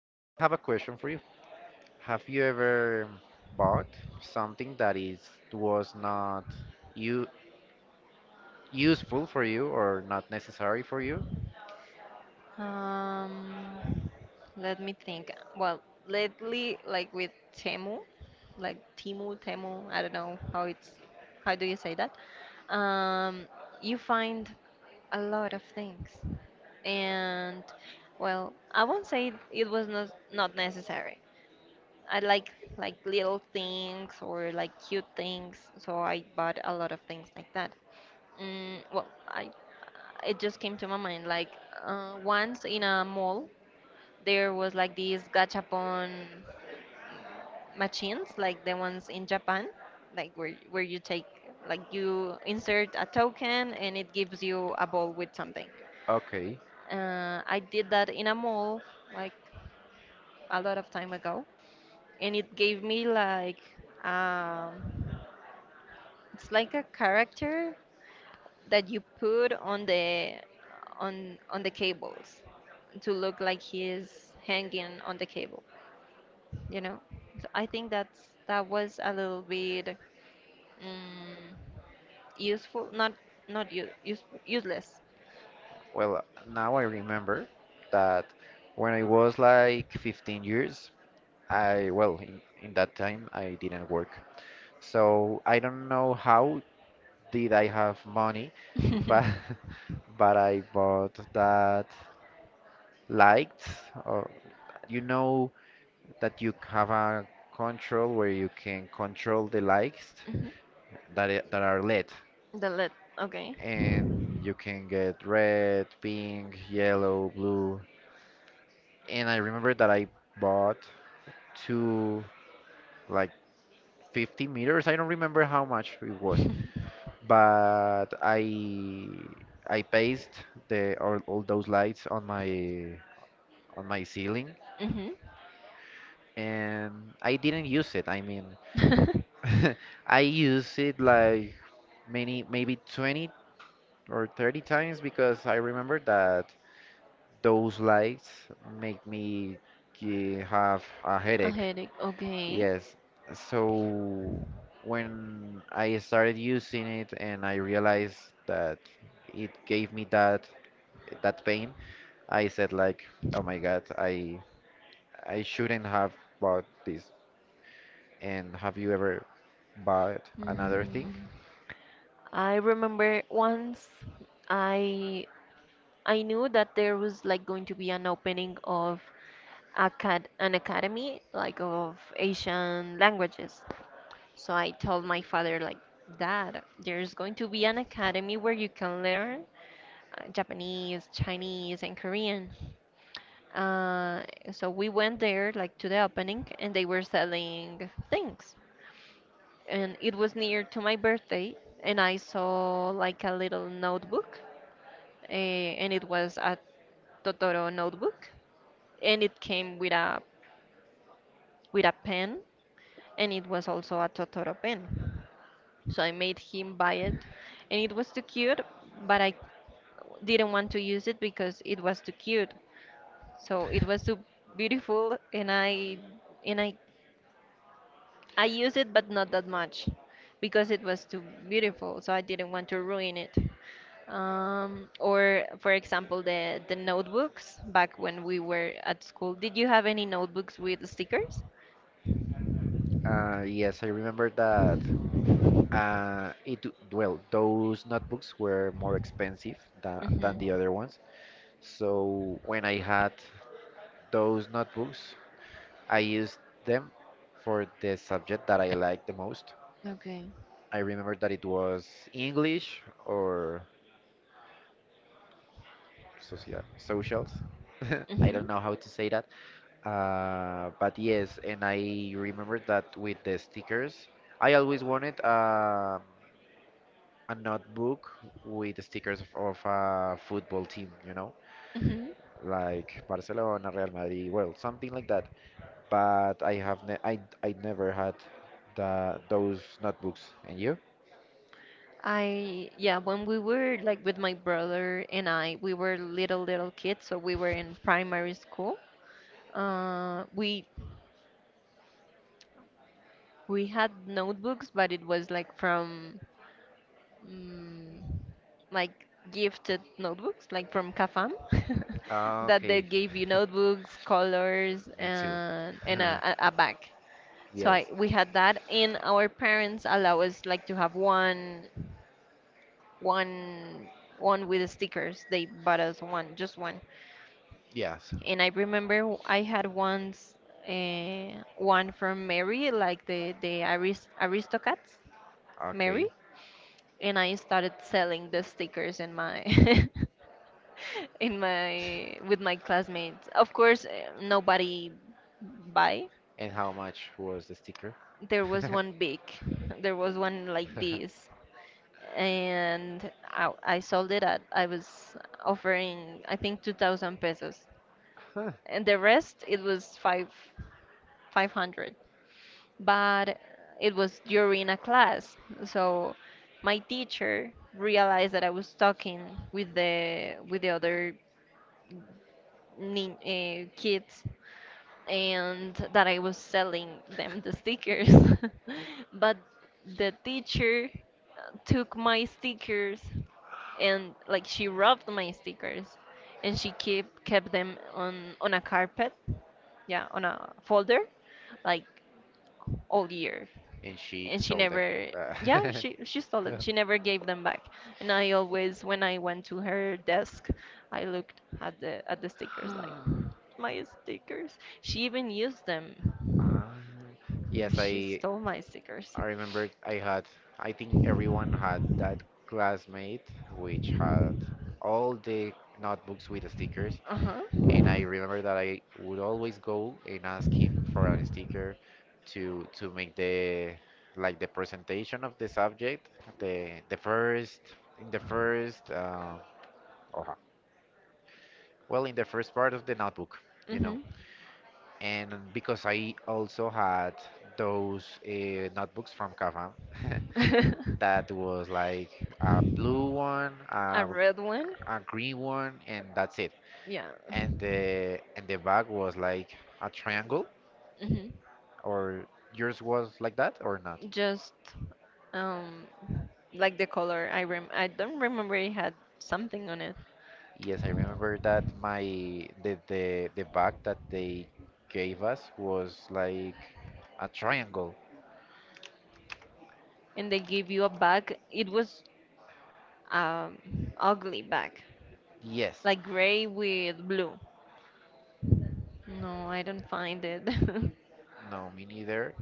I have a question for you. Have you ever bought something that is was not you useful for you or not necessary for you? Um, Let me think. Well, lately, like with Temu, like Timu, Temu, I don't know how it's, how do you say that? Um, you find a lot of things, and, well, I won't say it was not necessary. I like little things or like cute things, so I bought a lot of things like that. Well, I it just came to my mind, like, once in a mall there was like these gachapon machines, like the ones in Japan, like where you take, like, you insert a token and it gives you a ball with something. Okay. I did that in a mall, like, a lot of time ago, and it gave me like, um, it's like a character that you put on the cables to look like he's hanging on the cable. you know so I think that was a little bit, mm, useful, not useless. Well, now I remember that when I was like 15 years, I well in that time I didn't work. So I don't know how did I have money, but but I bought that light or you know that you have a control where you can control the lights Mhm. that are LED, The lid. Okay. and you can get red, pink, yellow, blue. And I remember that I bought two like 50 meters. I don't remember how much it was, but I paste the all those lights on my ceiling, Hmm. and I didn't use it. I mean, I use it like many, maybe 20 or 30 times because I remember that those lights make me have a A headache. headache. Okay. Yes. So when I started using it and I realized that it gave me that pain, I said like, "Oh my God, I shouldn't have bought this." And have you ever bought another thing? mm. I remember once i I knew that there was like going to be an opening of an academy, like, of Asian languages. So I told my father, like, "Dad, there's going to be an academy where you can learn Japanese, Chinese, and Korean." Uh, so we went there, like, to the opening, and they were selling things. And it was near to my birthday, and I saw, like, a little notebook, uh, and it was a Totoro notebook, and it came with a pen, and it was also a Totoro pen. So I made him buy it, and it was too cute, but I didn't want to use it because it was too cute. So it was too beautiful, and and I I used it, but not that much, because it was too beautiful. So I didn't want to ruin it. Or, for example, the notebooks back when we were at school. Did you have any notebooks with stickers? Yes, I remember that. Well, those notebooks were more expensive than Mm-hmm. the other ones. So when I had those notebooks, I used them for the subject that I liked the most. Okay. I remember that it was English or socials. I Mm-hmm. don't know how to say that. But yes, and I remember that with the stickers, I always wanted a notebook with stickers of a football team, you know, Mm-hmm. like Barcelona, Real Madrid, well, something like that. But I have ne I never had the those notebooks. And you? I Yeah, when we were, like, with my brother and I, we were little kids, so we were in primary school. Uh, we we had notebooks, but it was like from, mm, like, gifted notebooks, like from Cafam, that they Okay, gave you notebooks, colors, me too. and a bag. So I Yes, we had that, and our parents allow us, like, to have one one with stickers. They bought us one, just one. yes. And I remember I had once, one from Mary, like, the Aristocats, Mary, Okay. and I started selling the stickers in my in my with my classmates. Of course, nobody buy. And how much was the sticker? There was one big, there was one like this, and I sold it at I was offering, I think, 2,000 pesos, Huh. and the rest it was five hundred. But it was during a class. So my teacher realized that I was talking with the other kids, and that I was selling them the stickers. But the teacher took my stickers, and, like, she rubbed my stickers, and she kept them on a carpet. Yeah, on a folder, like, all year. And she and she sold them. never Uh, yeah, she stole them. She never gave them back. And I always, when I went to her desk, I looked at the stickers, like, my stickers. She even used them. Ah, yes, She stole my stickers. I remember I had, I think everyone had that classmate which had all the notebooks with the stickers. Uh-huh. And I remember that I would always go and ask him for a sticker to make the like the presentation of the subject, the first in the first uh, or- well in the first part of the notebook, you know. Mm-hmm. And because I also had those notebooks from Cafam. That was like a blue one, A red one. a green one, and that's it. Yeah. And the bag was like a triangle, Mm-hmm. or yours was like that or not? Just, um like, the color, I don't remember. It had something on it. Yes, I remember that my the bag that they gave us was like a triangle. And they gave you a bag, it was, um, ugly bag, Yes, like, gray with blue. No, I don't find it. no, me neither.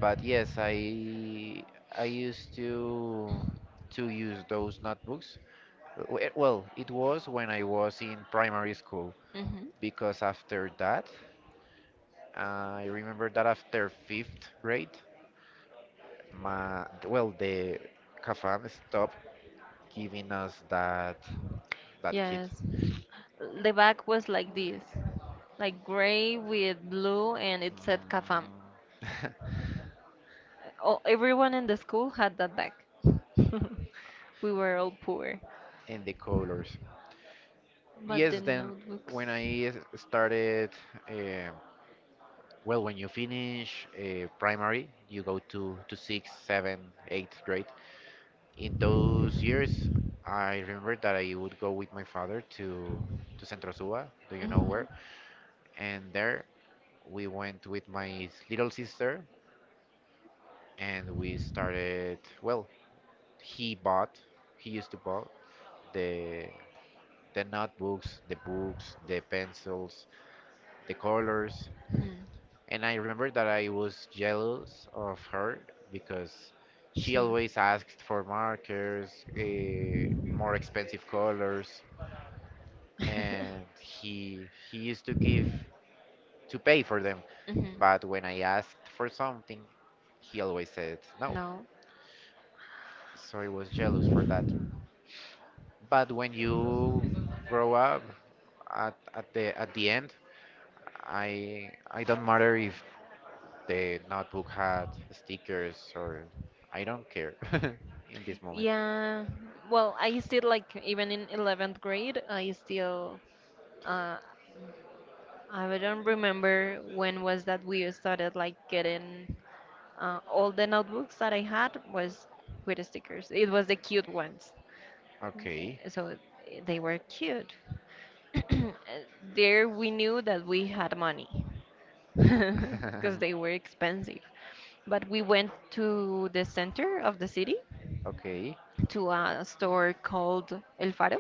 But yes, I used to use those notebooks Well, it was when I was in primary school Hmm. because after that, I remember that after fifth grade, the CAFAM stopped giving us that kit. Yes. The back was like this, like gray with blue, and it said Kafam. Mm, Oh, everyone in the school had that bag. We were all poor. and the colors. But the Yes, then notebooks. when started, eh, well, when you finish primary, you go to sixth, seventh, eighth grade. In those years, I remember that I would go with my father to Centro Suba, do you know Mm-hmm. where? And there we went with my little sister, and we started. Well, he bought, he used to buy the the notebooks, the books, the pencils, the colors, and I remember that I was jealous of her because she She. always asked for markers, more expensive colors and he used to give to pay for them, Hmm. but when I asked for something he always said no, No. so I was jealous for that. But when you grow up, at the end, I don't matter if the notebook had stickers or I don't care. In this moment, Yeah, well, I still, like, even in 11th grade, uh, I don't remember when was that we started, like, getting all the notebooks that I had was with stickers. It was the cute ones. okay. So, they were cute. Uh, There we knew that we had money because they were expensive. But we went to the center of the city Okay, to a store called El Faro,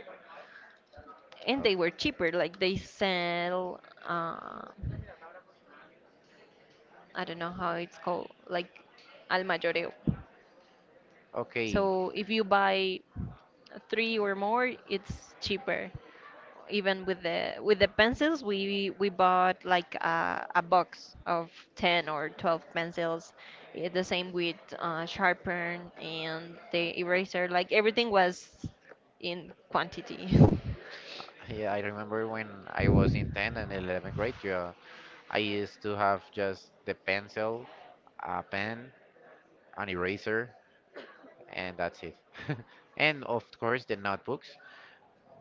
and o- they were cheaper. Like, they sell, uh, I don't know how it's called, like, al mayoreo. okay, So if you buy three or more, it's cheaper. Even with the pencils, we bought, like, a box of 10 or 12 pencils. The same with sharpen and the eraser. Like, everything was in quantity. yeah, I remember when I was in 10th and 11th grade you I used to have just the pencil, a pen, an eraser, and that's it. And of course, the notebooks,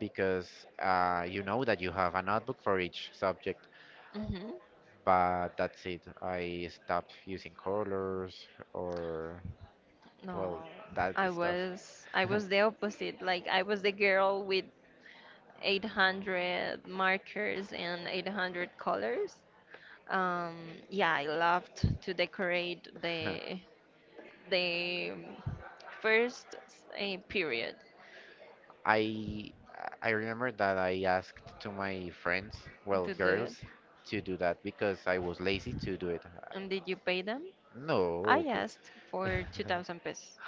because you know that you have a notebook for each subject, Hmm. but that's it. I stopped using colors or, No, well, that I stuff. was I was the opposite. Like, I was the girl with 800 markers and 800 colors. Um, yeah, I loved to decorate the first period I I remember that I asked to my friends, well, to do it. girls, to do that because I was lazy to do it. And did you pay them? No, I okay. asked for 2,000 pesos.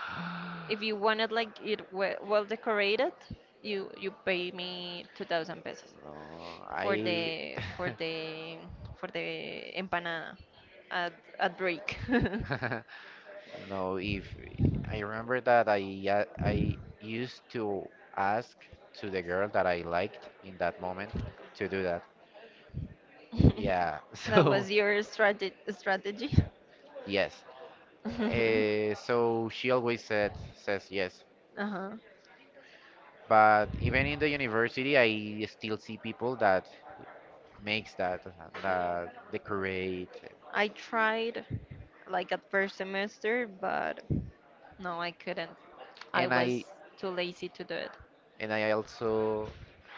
If you wanted, like, it well decorated, you pay me 2,000 pesos. No, For I the empanada at at break. no. If I remember that I used to ask to the girl that I liked in that moment to do that. Yeah. That So was your strategy. yes. So she always said says yes. Uh-huh. But even in the university, I still see people that makes that decorate, I tried, like, at first semester, but no, I couldn't. I and was too lazy to do it. I also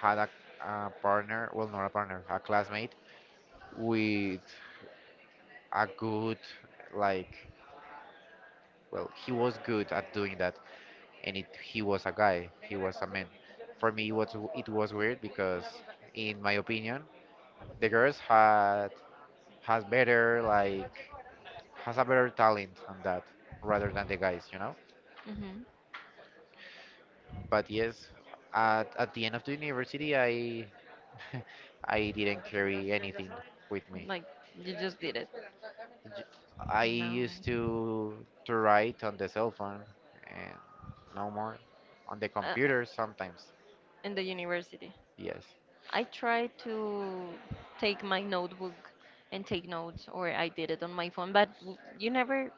had a partner, well, not a partner, a classmate with a good, like, well, he was good at doing that, and it, he was a guy, he was a man. For me, it was weird because, in my opinion, the girls had has better like has a better talent on that rather than the guys, you know. Hmm. But yes, at the end of the university, I I didn't carry anything with me. Like, you just did it. J- I No, used to write on the cell phone and no more on the uh, computer sometimes. in the university. Yes. I try to take my notebook and take notes, or I did it on my phone, but you never,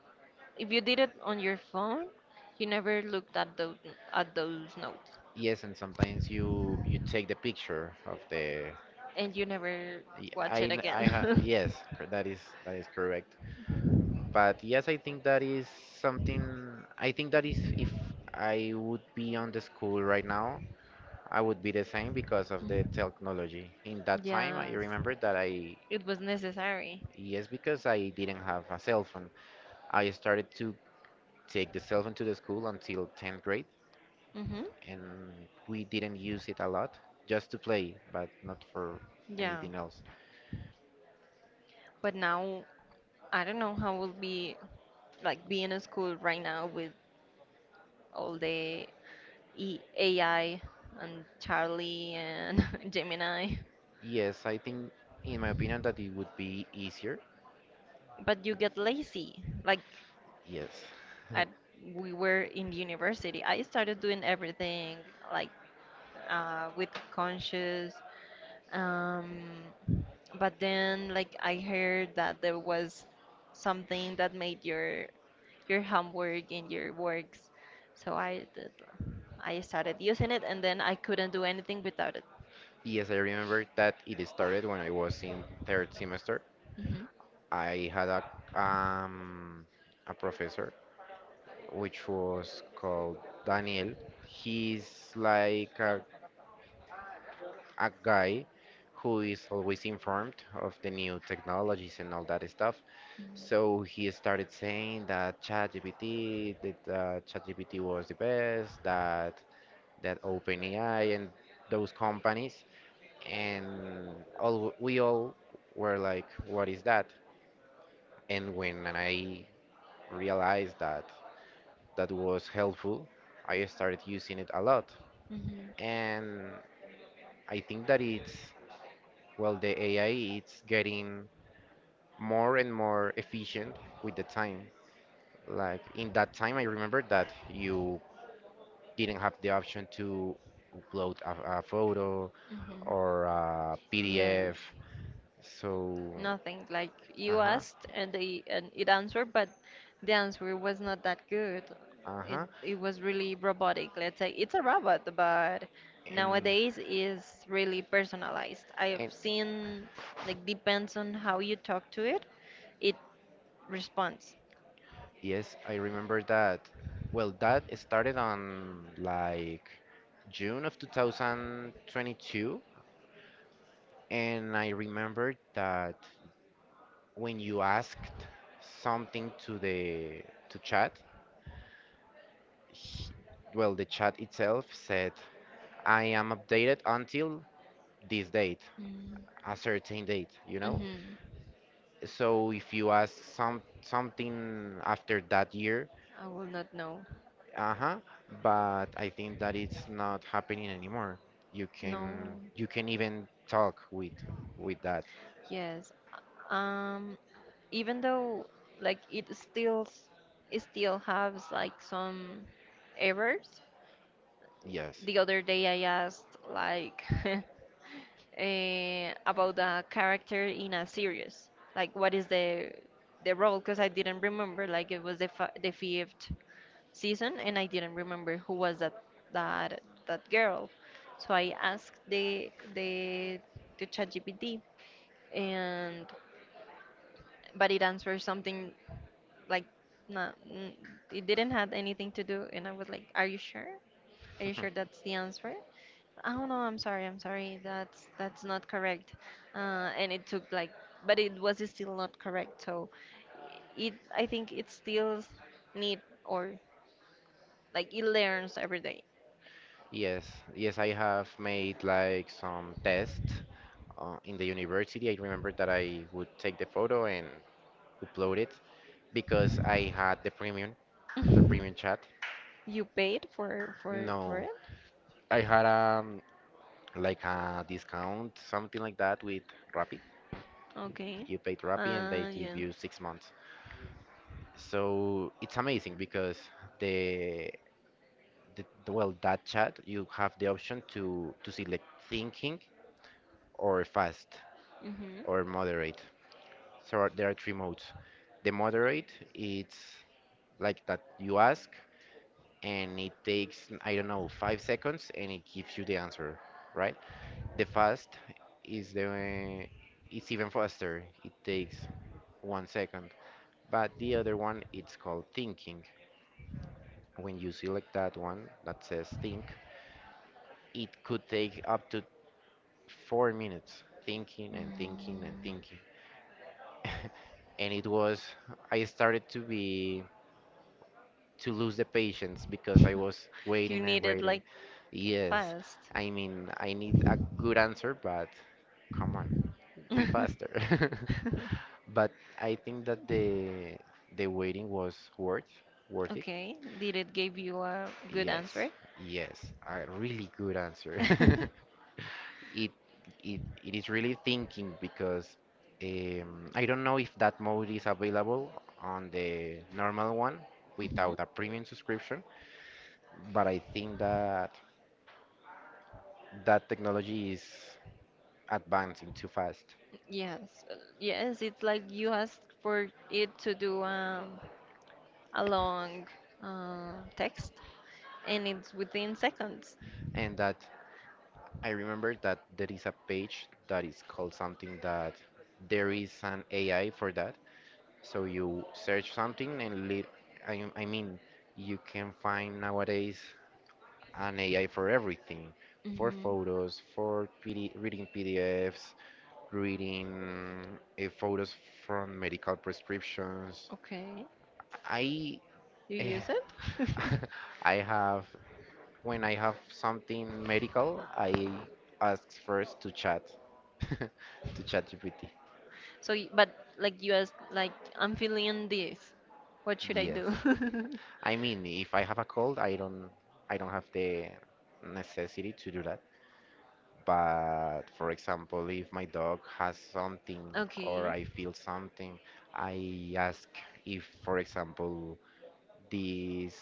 if you did it on your phone, you never looked at those notes, Yes, and sometimes you take the picture of the and you never y- watch I it n- I ha, again. yes, cor- that is that is correct. But yes, I think that is something. I think that is if I would be on the school right now, I would be the same because of the technology. In that time, I Yes, remember that I it was necessary. yes, because I didn't have a cell phone. I started to take the cell phone to the school until 10th grade, Mhm. and we didn't use it a lot, just to play, but not for Yeah, anything else. but now I don't know how will be, like, being in school right now with all the e AI and Charlie and Gemini. Yes, I think, in my opinion, that it would be easier. But you get lazy. Like, Yes. I, we were in university. I started doing everything, like, with conscious. Um, but then, like, I heard that there was something that made your homework and your works. So I did, I started using it, and then I couldn't do anything without it. Yes, I remember that it started when I was in third semester. Hmm. I had um a professor which was called Daniel. He's like a guy who is always informed of the new technologies and all that stuff. So he started saying that ChatGPT was the best, that OpenAI and those companies, and all we all were like, "What is that?" And when I realized that that was helpful, I started using it a lot, Hmm. and I think that it's well, the AI it's getting more and more efficient with the time. Like in that time, I remember that you didn't have the option to upload a photo Hmm. or a PDF. Yes. So, Nothing. Like, you uh-huh, asked and they and it answered, but the answer was not that good. It uh-huh. it was really robotic. Let's say it's a robot, but And nowadays is really personalized. I've and seen, like, depends on how you talk to it, it responds. yes, I remember that. Well, that started on like June of 2022, and I remember that when you asked something to the to chat he- well, the chat itself said, I am updated until this date, a certain date, you know? Mm-hmm. So if you ask something after that year, I will not know. uh-huh, but I think that it's not happening anymore. You can No. you can even talk with that. Yes. Um, Even though, like, it still has, like, some errors. Yes. The other day I asked, like, about a character in a series, like, what is the role? Because I didn't remember. Like, it was the fi the fifth season, and I didn't remember who was that that that girl. So I asked the to ChatGPT, and, but it answered something, like, not n- it didn't have anything to do, and I was like, "Are you sure? Are you sure that's the answer?" "Oh, no, I'm sorry, I'm sorry, that's not correct." And it took, like, but it was still not correct, so it I think it still need, or, like, it learns every day. Yes. Yes, I have made like some tests in the university. I remember that I would take the photo and upload it because I had the premium. The premium chat? You paid for No. it? I had like a discount, something like that with Rappi. Okay. You paid Rappi and they give Yeah. you 6 months. So it's amazing because the, well, that chat you have the option to select thinking or fast Mm-hmm. or moderate. So there are three modes. The moderate it's like that you ask and it takes I don't know 5 seconds and it gives you the answer, right? The fast is the it's even faster. It takes 1 second. But the other one it's called thinking. When you select that one that says think, it could take up to 4 minutes thinking and thinking and thinking. And it was I started to be to lose the patience because I was You waiting and need it, waiting. like, Yes, fast. I mean I need a good answer, but come on, be faster. But I think that the waiting was worth it. Okay, did it give you a good Yes, answer? yes, a really good answer. It it is really thinking because I don't know if that mode is available on the normal one Mhm. without a premium subscription, but I think that that technology is advancing too fast. Yes, yes, it's like you asked for it to do, a long, text, and it's within seconds. And that I remember that there is a page that is called something that there is an AI for that. So you search something and I mean, you can find nowadays an AI for everything, for Hmm. photos, for PD, reading PDFs, reading photos from medical prescriptions. Okay, I you eh, use it? I have when I have something medical, I ask first to chat to chat GPT. So, but like, you asked, like, "I'm feeling this. What should I Yes. do?" I mean, if I have a cold, I don't have the necessity to do that. But for example, if my dog has something or Okay, I feel something, I ask if, for example, these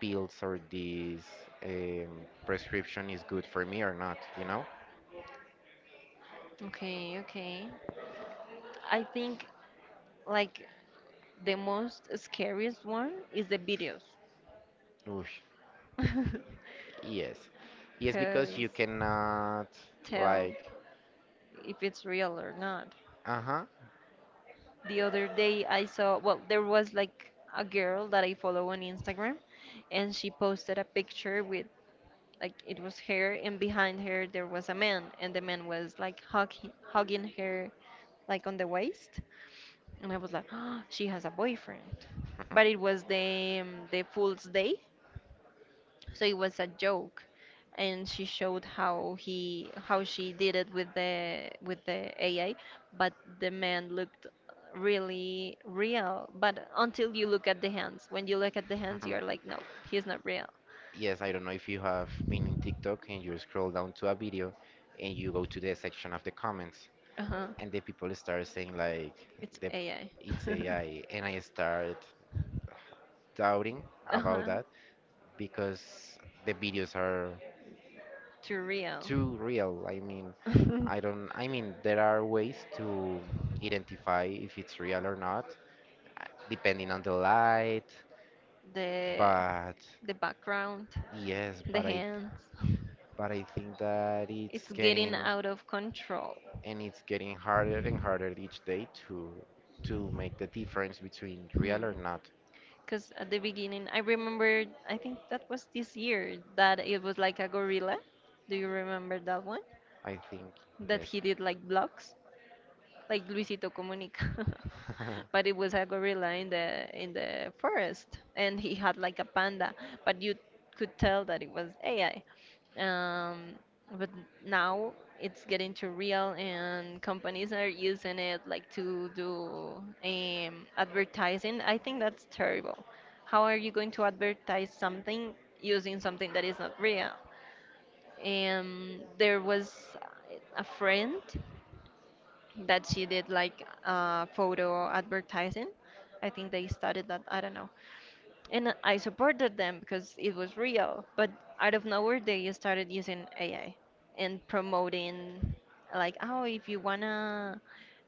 pills or this prescription is good for me or not, you know? okay, okay. I think, like, the most scariest one is the videos. Oof, yes. Yes, because Because, you cannot tell like, if it's real or not. uh-huh. The other day I saw, well, there was, like, a girl that I follow on Instagram, and she posted a picture with, like, it was her, and behind her there was a man, and the man was, like, hugging her, like, on the waist, and I was like, "She has a boyfriend." But it was the, Fool's Day, so it was a joke, and she showed how she did it with the AI, but the man looked really real, but until you look at the hands, when you look at the hands, you're like, "No, he's not real." Yes, I don't know if you have been in TikTok and you scroll down to a video, and you go to the section of the comments, Uh-huh. and the people start saying like It's the AI. it's AI, and I start doubting about Uh-huh. that because the videos are Too real. too real. I mean, I don't I mean there are ways to identify if it's real or not, uh, depending on the light, the but the background. yes, The hands. but I think that it's It's getting getting out of control. and it's getting harder and harder each day to make the difference between real Hmm. or not. Because at the beginning, I remember, I think that was this year, that it was like a gorilla. Do you remember that one? I think That yes, he did, like, blocks like Luisito Comunica. But it was a gorilla in the forest, and he had, like, a panda, but you could tell that it was AI. Um, but now it's getting too real, and companies are using it, like, to do, advertising. I think that's terrible. How are you going to advertise something using something that is not real? And there was a friend that she did photo advertising. I think they started that. I don't know. And I supported them because it was real. But out of nowhere, they started using AI and promoting like, oh, if you wanna,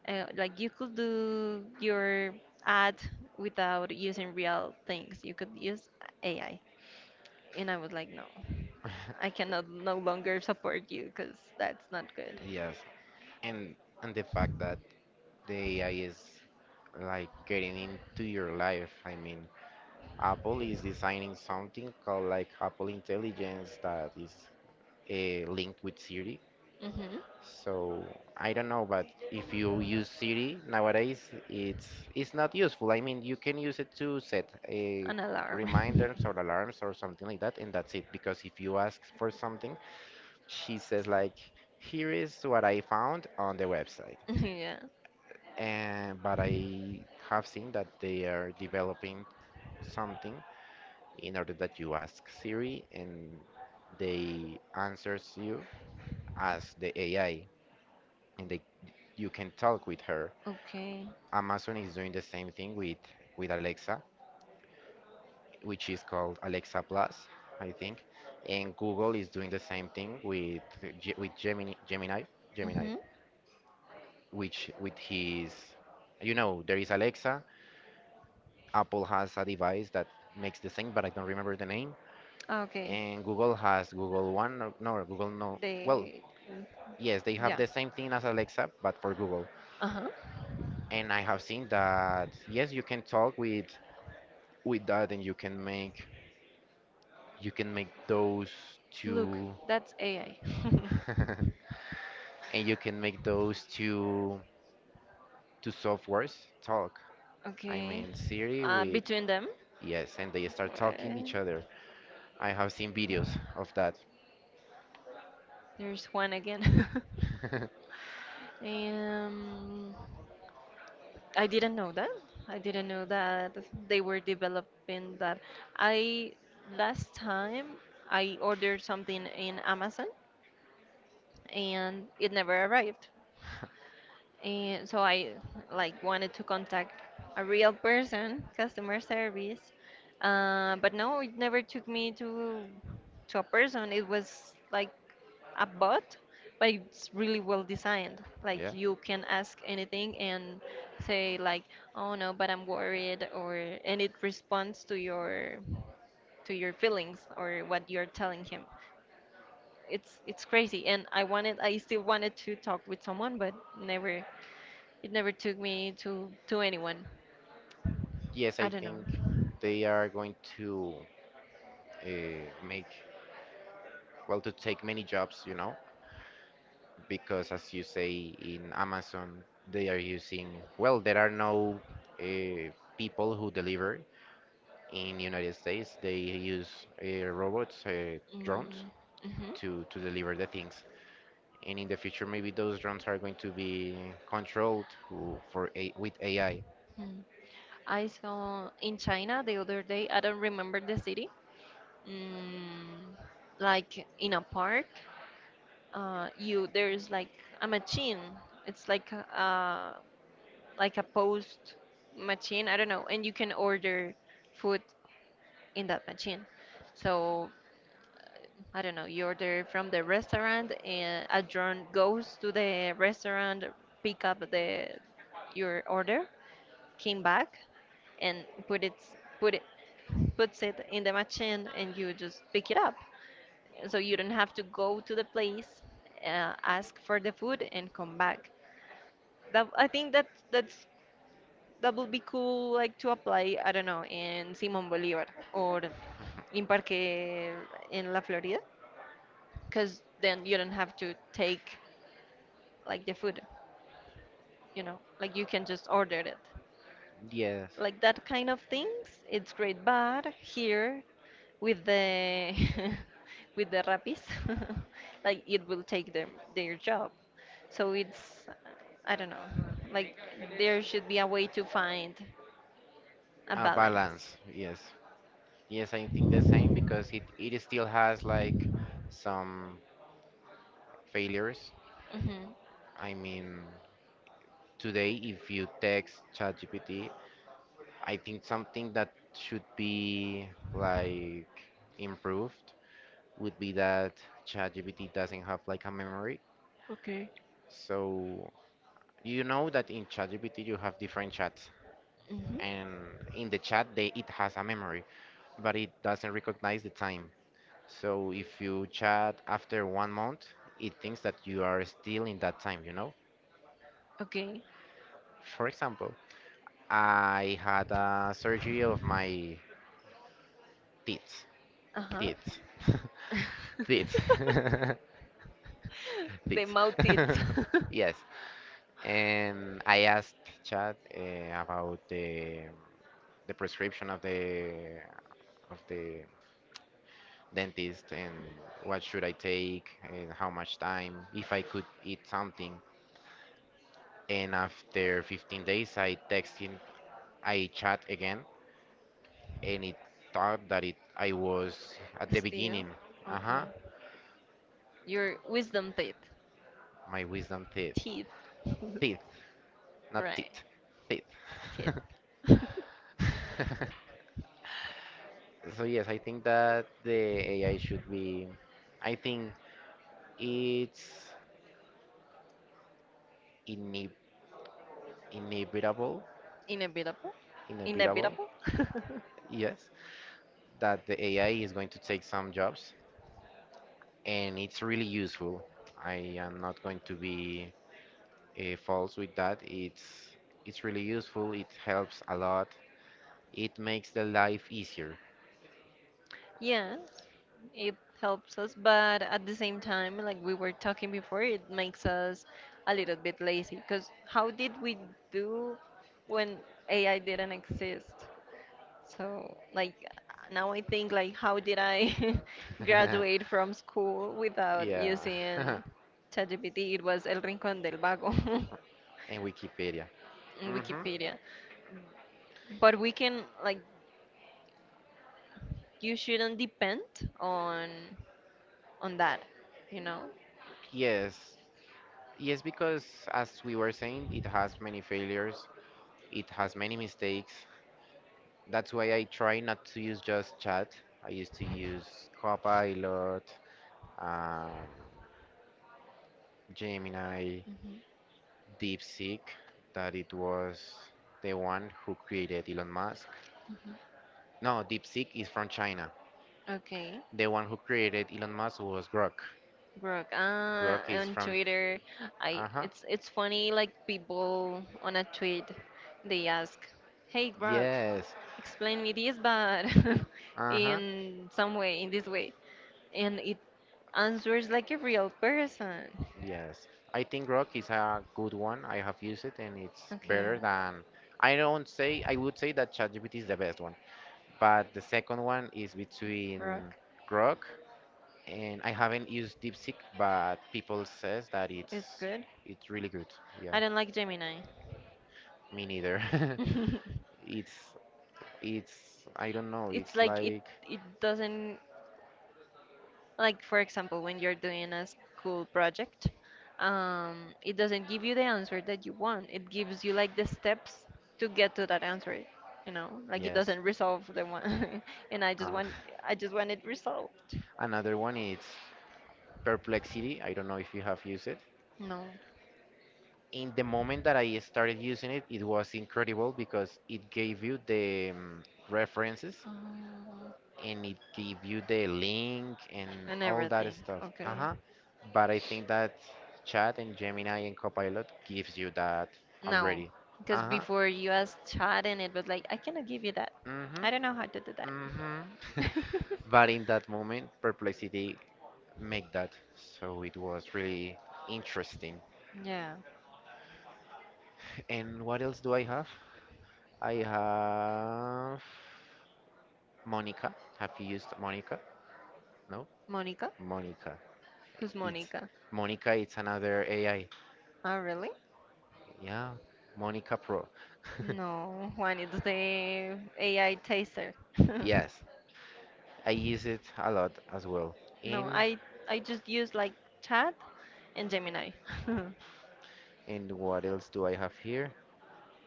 like, you could do your ad without using real things. You could use AI. And I was like, no, I cannot no longer support you because that's not good. yes, and and the fact that the AI is like getting into your life. I mean, Apple is designing something called like Apple Intelligence that is linked with Siri. Hmm. So I don't know, but if you use Siri nowadays, it's not useful. I mean, you can use it to set a An alarm. reminders or alarms or something like that, and that's it. Because if you ask for something, she says like, "Here is what I found on the website." yeah. And but I have seen that they are developing something in order that you ask Siri, and they answers you as the AI, and they you can talk with her. Okay. Amazon is doing the same thing with Alexa, which is called Alexa Plus, I think, and Google is doing the same thing with Gemini, Gemini, Mm-hmm. which with his, you know, there is Alexa. Apple has a device that makes the same, but I don't remember the name. Okay. And Google has Google One, or, no, Google no. Well, They, yes, they have yeah. the same thing as Alexa, but for Google. Uh-huh. And I have seen that yes, you can talk with that, and you can make You can make those Look, two, that's AI. and you can make those two softwares talk. I Okay. mean Siri with Between them. yes, and they start talking uh, to each other. I have seen videos of that. there's one again. Um, I didn't know that. I didn't know that they were developing that. I last time I ordered something in Amazon and it never arrived. And so I like wanted to contact a real person, customer service. But no, it never took me to a person. It was like a bot, but it's really well designed. Like Yeah. you can ask anything and say like, "Oh no, but I'm worried," or and it responds to your feelings or what you're telling him. It's crazy, and I still wanted to talk with someone, but never it never took me to anyone. Yes, I I don't know. think they are going to make, well, to take many jobs, you know, because as you say in Amazon, they are using, well, there are no uh, people who deliver. In United States, they use robots, drones, Mm, mhm. to, deliver the things. And in the future, maybe those drones are going to be controlled with AI. Hmm. I saw in China the other day. I don't remember the city. Mm, like in a park, you there's like a machine. It's like a post machine. I don't know, and you can order food in that machine. So I don't know, you order from the restaurant and a drone goes to the restaurant, pick up the your order, came back and put it puts it in the machine and you just pick it up. So you don't have to go to the place, ask for the food and come back. That I think that that's that would be cool like to apply, I don't know, in Simón Bolívar or in Parque en la Florida, because then you don't have to take like the food, you know, like you can just order it. Yes, Like that kind of things it's great, but here with the with the rapis, like it will take them their job. So it's, I don't know, like there should be a way to find a a balance. balance. Yes, yes, I think the same because it still has like some failures. Hmm. I mean, today, if you text ChatGPT, I think something that should be like improved would be that ChatGPT doesn't have like a memory. Okay. So you know that in ChatGPT you have different chats, Hmm. and in the chat it has a memory, but it doesn't recognize the time. So if you chat after 1 month, it thinks that you are still in that time, you know? Okay. For example, I had a surgery of my teeth. Uh-huh. Teeth. Teeth. the Teeth. mouth tits. Yes. And I asked Chad, about the prescription of the dentist, and what should I take, and how much time, if I could eat something. And after 15 days, I text him, I chat again, and it thought that it I was at the Still? beginning. Uh Okay. huh. Your wisdom teeth. My wisdom teeth, Teeth. teeth, not right. teeth, teeth. Teeth. So yes, I think that the AI should be. I think it's ineb- inevitable, Inevitable? inevitable, Inevitable? yes, that the AI is going to take some jobs, and it's really useful. I am not going to be false with that. It's really useful. It helps a lot. It makes the life easier. yes. It helps us, but at the same time, like we were talking before, it makes us a little bit lazy. Because how did we do when AI didn't exist? So, like, now I think, like, how did I graduate from school without Yeah, using and ChatGPT? It was El Rincón del Vago Wikipedia. in Hmm. Wikipedia. But we can, like, you shouldn't depend on on that, you know? Yes, yes, because as we were saying, it has many failures. It has many mistakes. That's why I try not to use just chat. I used to use Copilot, um, Gemini, Hmm. DeepSeek, that it was the one who created Elon Musk. No, DeepSeek is from China. Okay. The one who created Elon Musk was Grok. Brooke, Grok is on from. Twitter, I Uh huh. It's funny like people on a tweet they ask, "Hey Brooke, Yes. explain me this, but Uh huh. in some way, in this way," and it answers like a real person. Yes. I think Grok is a good one. I have used it and it's Okay, better than. I don't say. I would say that ChatGPT is the best one, but the second one is between Brooke, Grok, and I haven't used DeepSeek, but people says that it's good. it's really good. Yeah, I don't like Gemini. me neither. it's it's I don't know. it's It's like it like it doesn't. Like, for example, when you're doing a school project, it doesn't give you the answer that you want. It gives you like the steps to get to that answer, you know? Like it yes. doesn't resolve the one. And Uh, I just want it resolved. Another one is Perplexity. I don't know if you have used it. No. In the moment that I started using it, it was incredible because it gave you the references, Um, and it give you the link and and all that everything. stuff. Okay. Uh-huh. But I think that Chat and Gemini and Copilot gives you that No. already. Because Uh-huh. before you asked chat and it was like, I cannot give you that. Mm-hmm. I don't know how to do that. Mm-hmm. But in that moment, Perplexity make that. So it was really interesting. Yeah. And what else do I have? I have Monica. Have you used Monica? No? Monica? Monica. Who's It's Monica? Monica, it's another AI. Oh, really? Yeah, Monica Pro. No, Juan, it's the AI taster. Yes, I use it a lot as well. No, And I just use like Chat and Gemini. hmm. What else do I have here?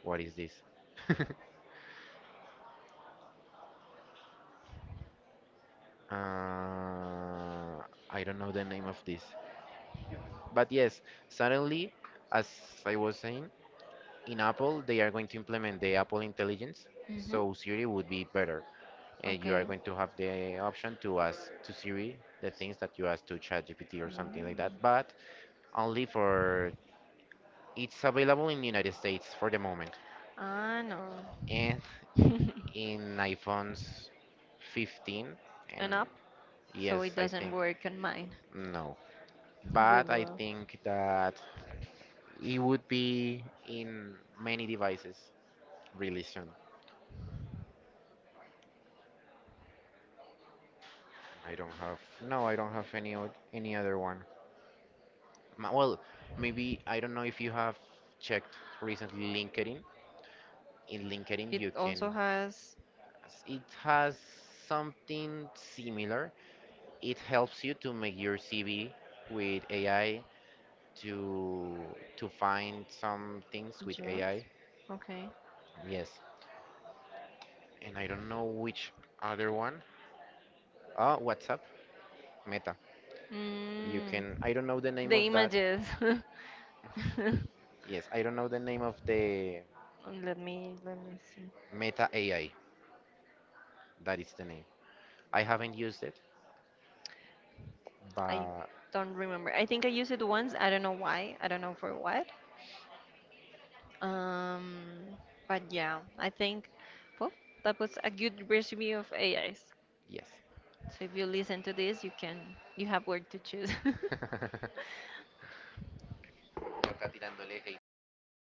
What is this? I don't know the name of this. But yes, suddenly, as I was saying, in Apple they are going to implement the Apple Intelligence, so Siri would be better, and you Okay. are going to have the option to ask to Siri the things that you ask to ChatGPT or something like Mm. that, but only for. It's available in the United States for the moment, Ah, no. and in iPhones 15, and An app, so yes, it I doesn't think work on mine. no. We But I will. think that it would be in many devices really soon. I don't have. No, I don't have any any other one. Well, maybe I don't know if you have checked recently LinkedIn. In LinkedIn, It you also can. has It has something similar. It helps you to make your CV with AI, to find some things with jobs. AI. Okay. Yes, and I don't know which other one. Oh, WhatsApp, Meta. You Mm, can. I don't know the name the of that. images. Yes, I don't know the name of the Let me see. Meta AI. That is the name. I haven't used it, I but don't remember. I think I used it once. I don't know why. I don't know for what. Um, but yeah, I think well, that was a good review of AIs. yes. So if you listen to this, you can you have work to choose. Toca tirándole hate a Gemma.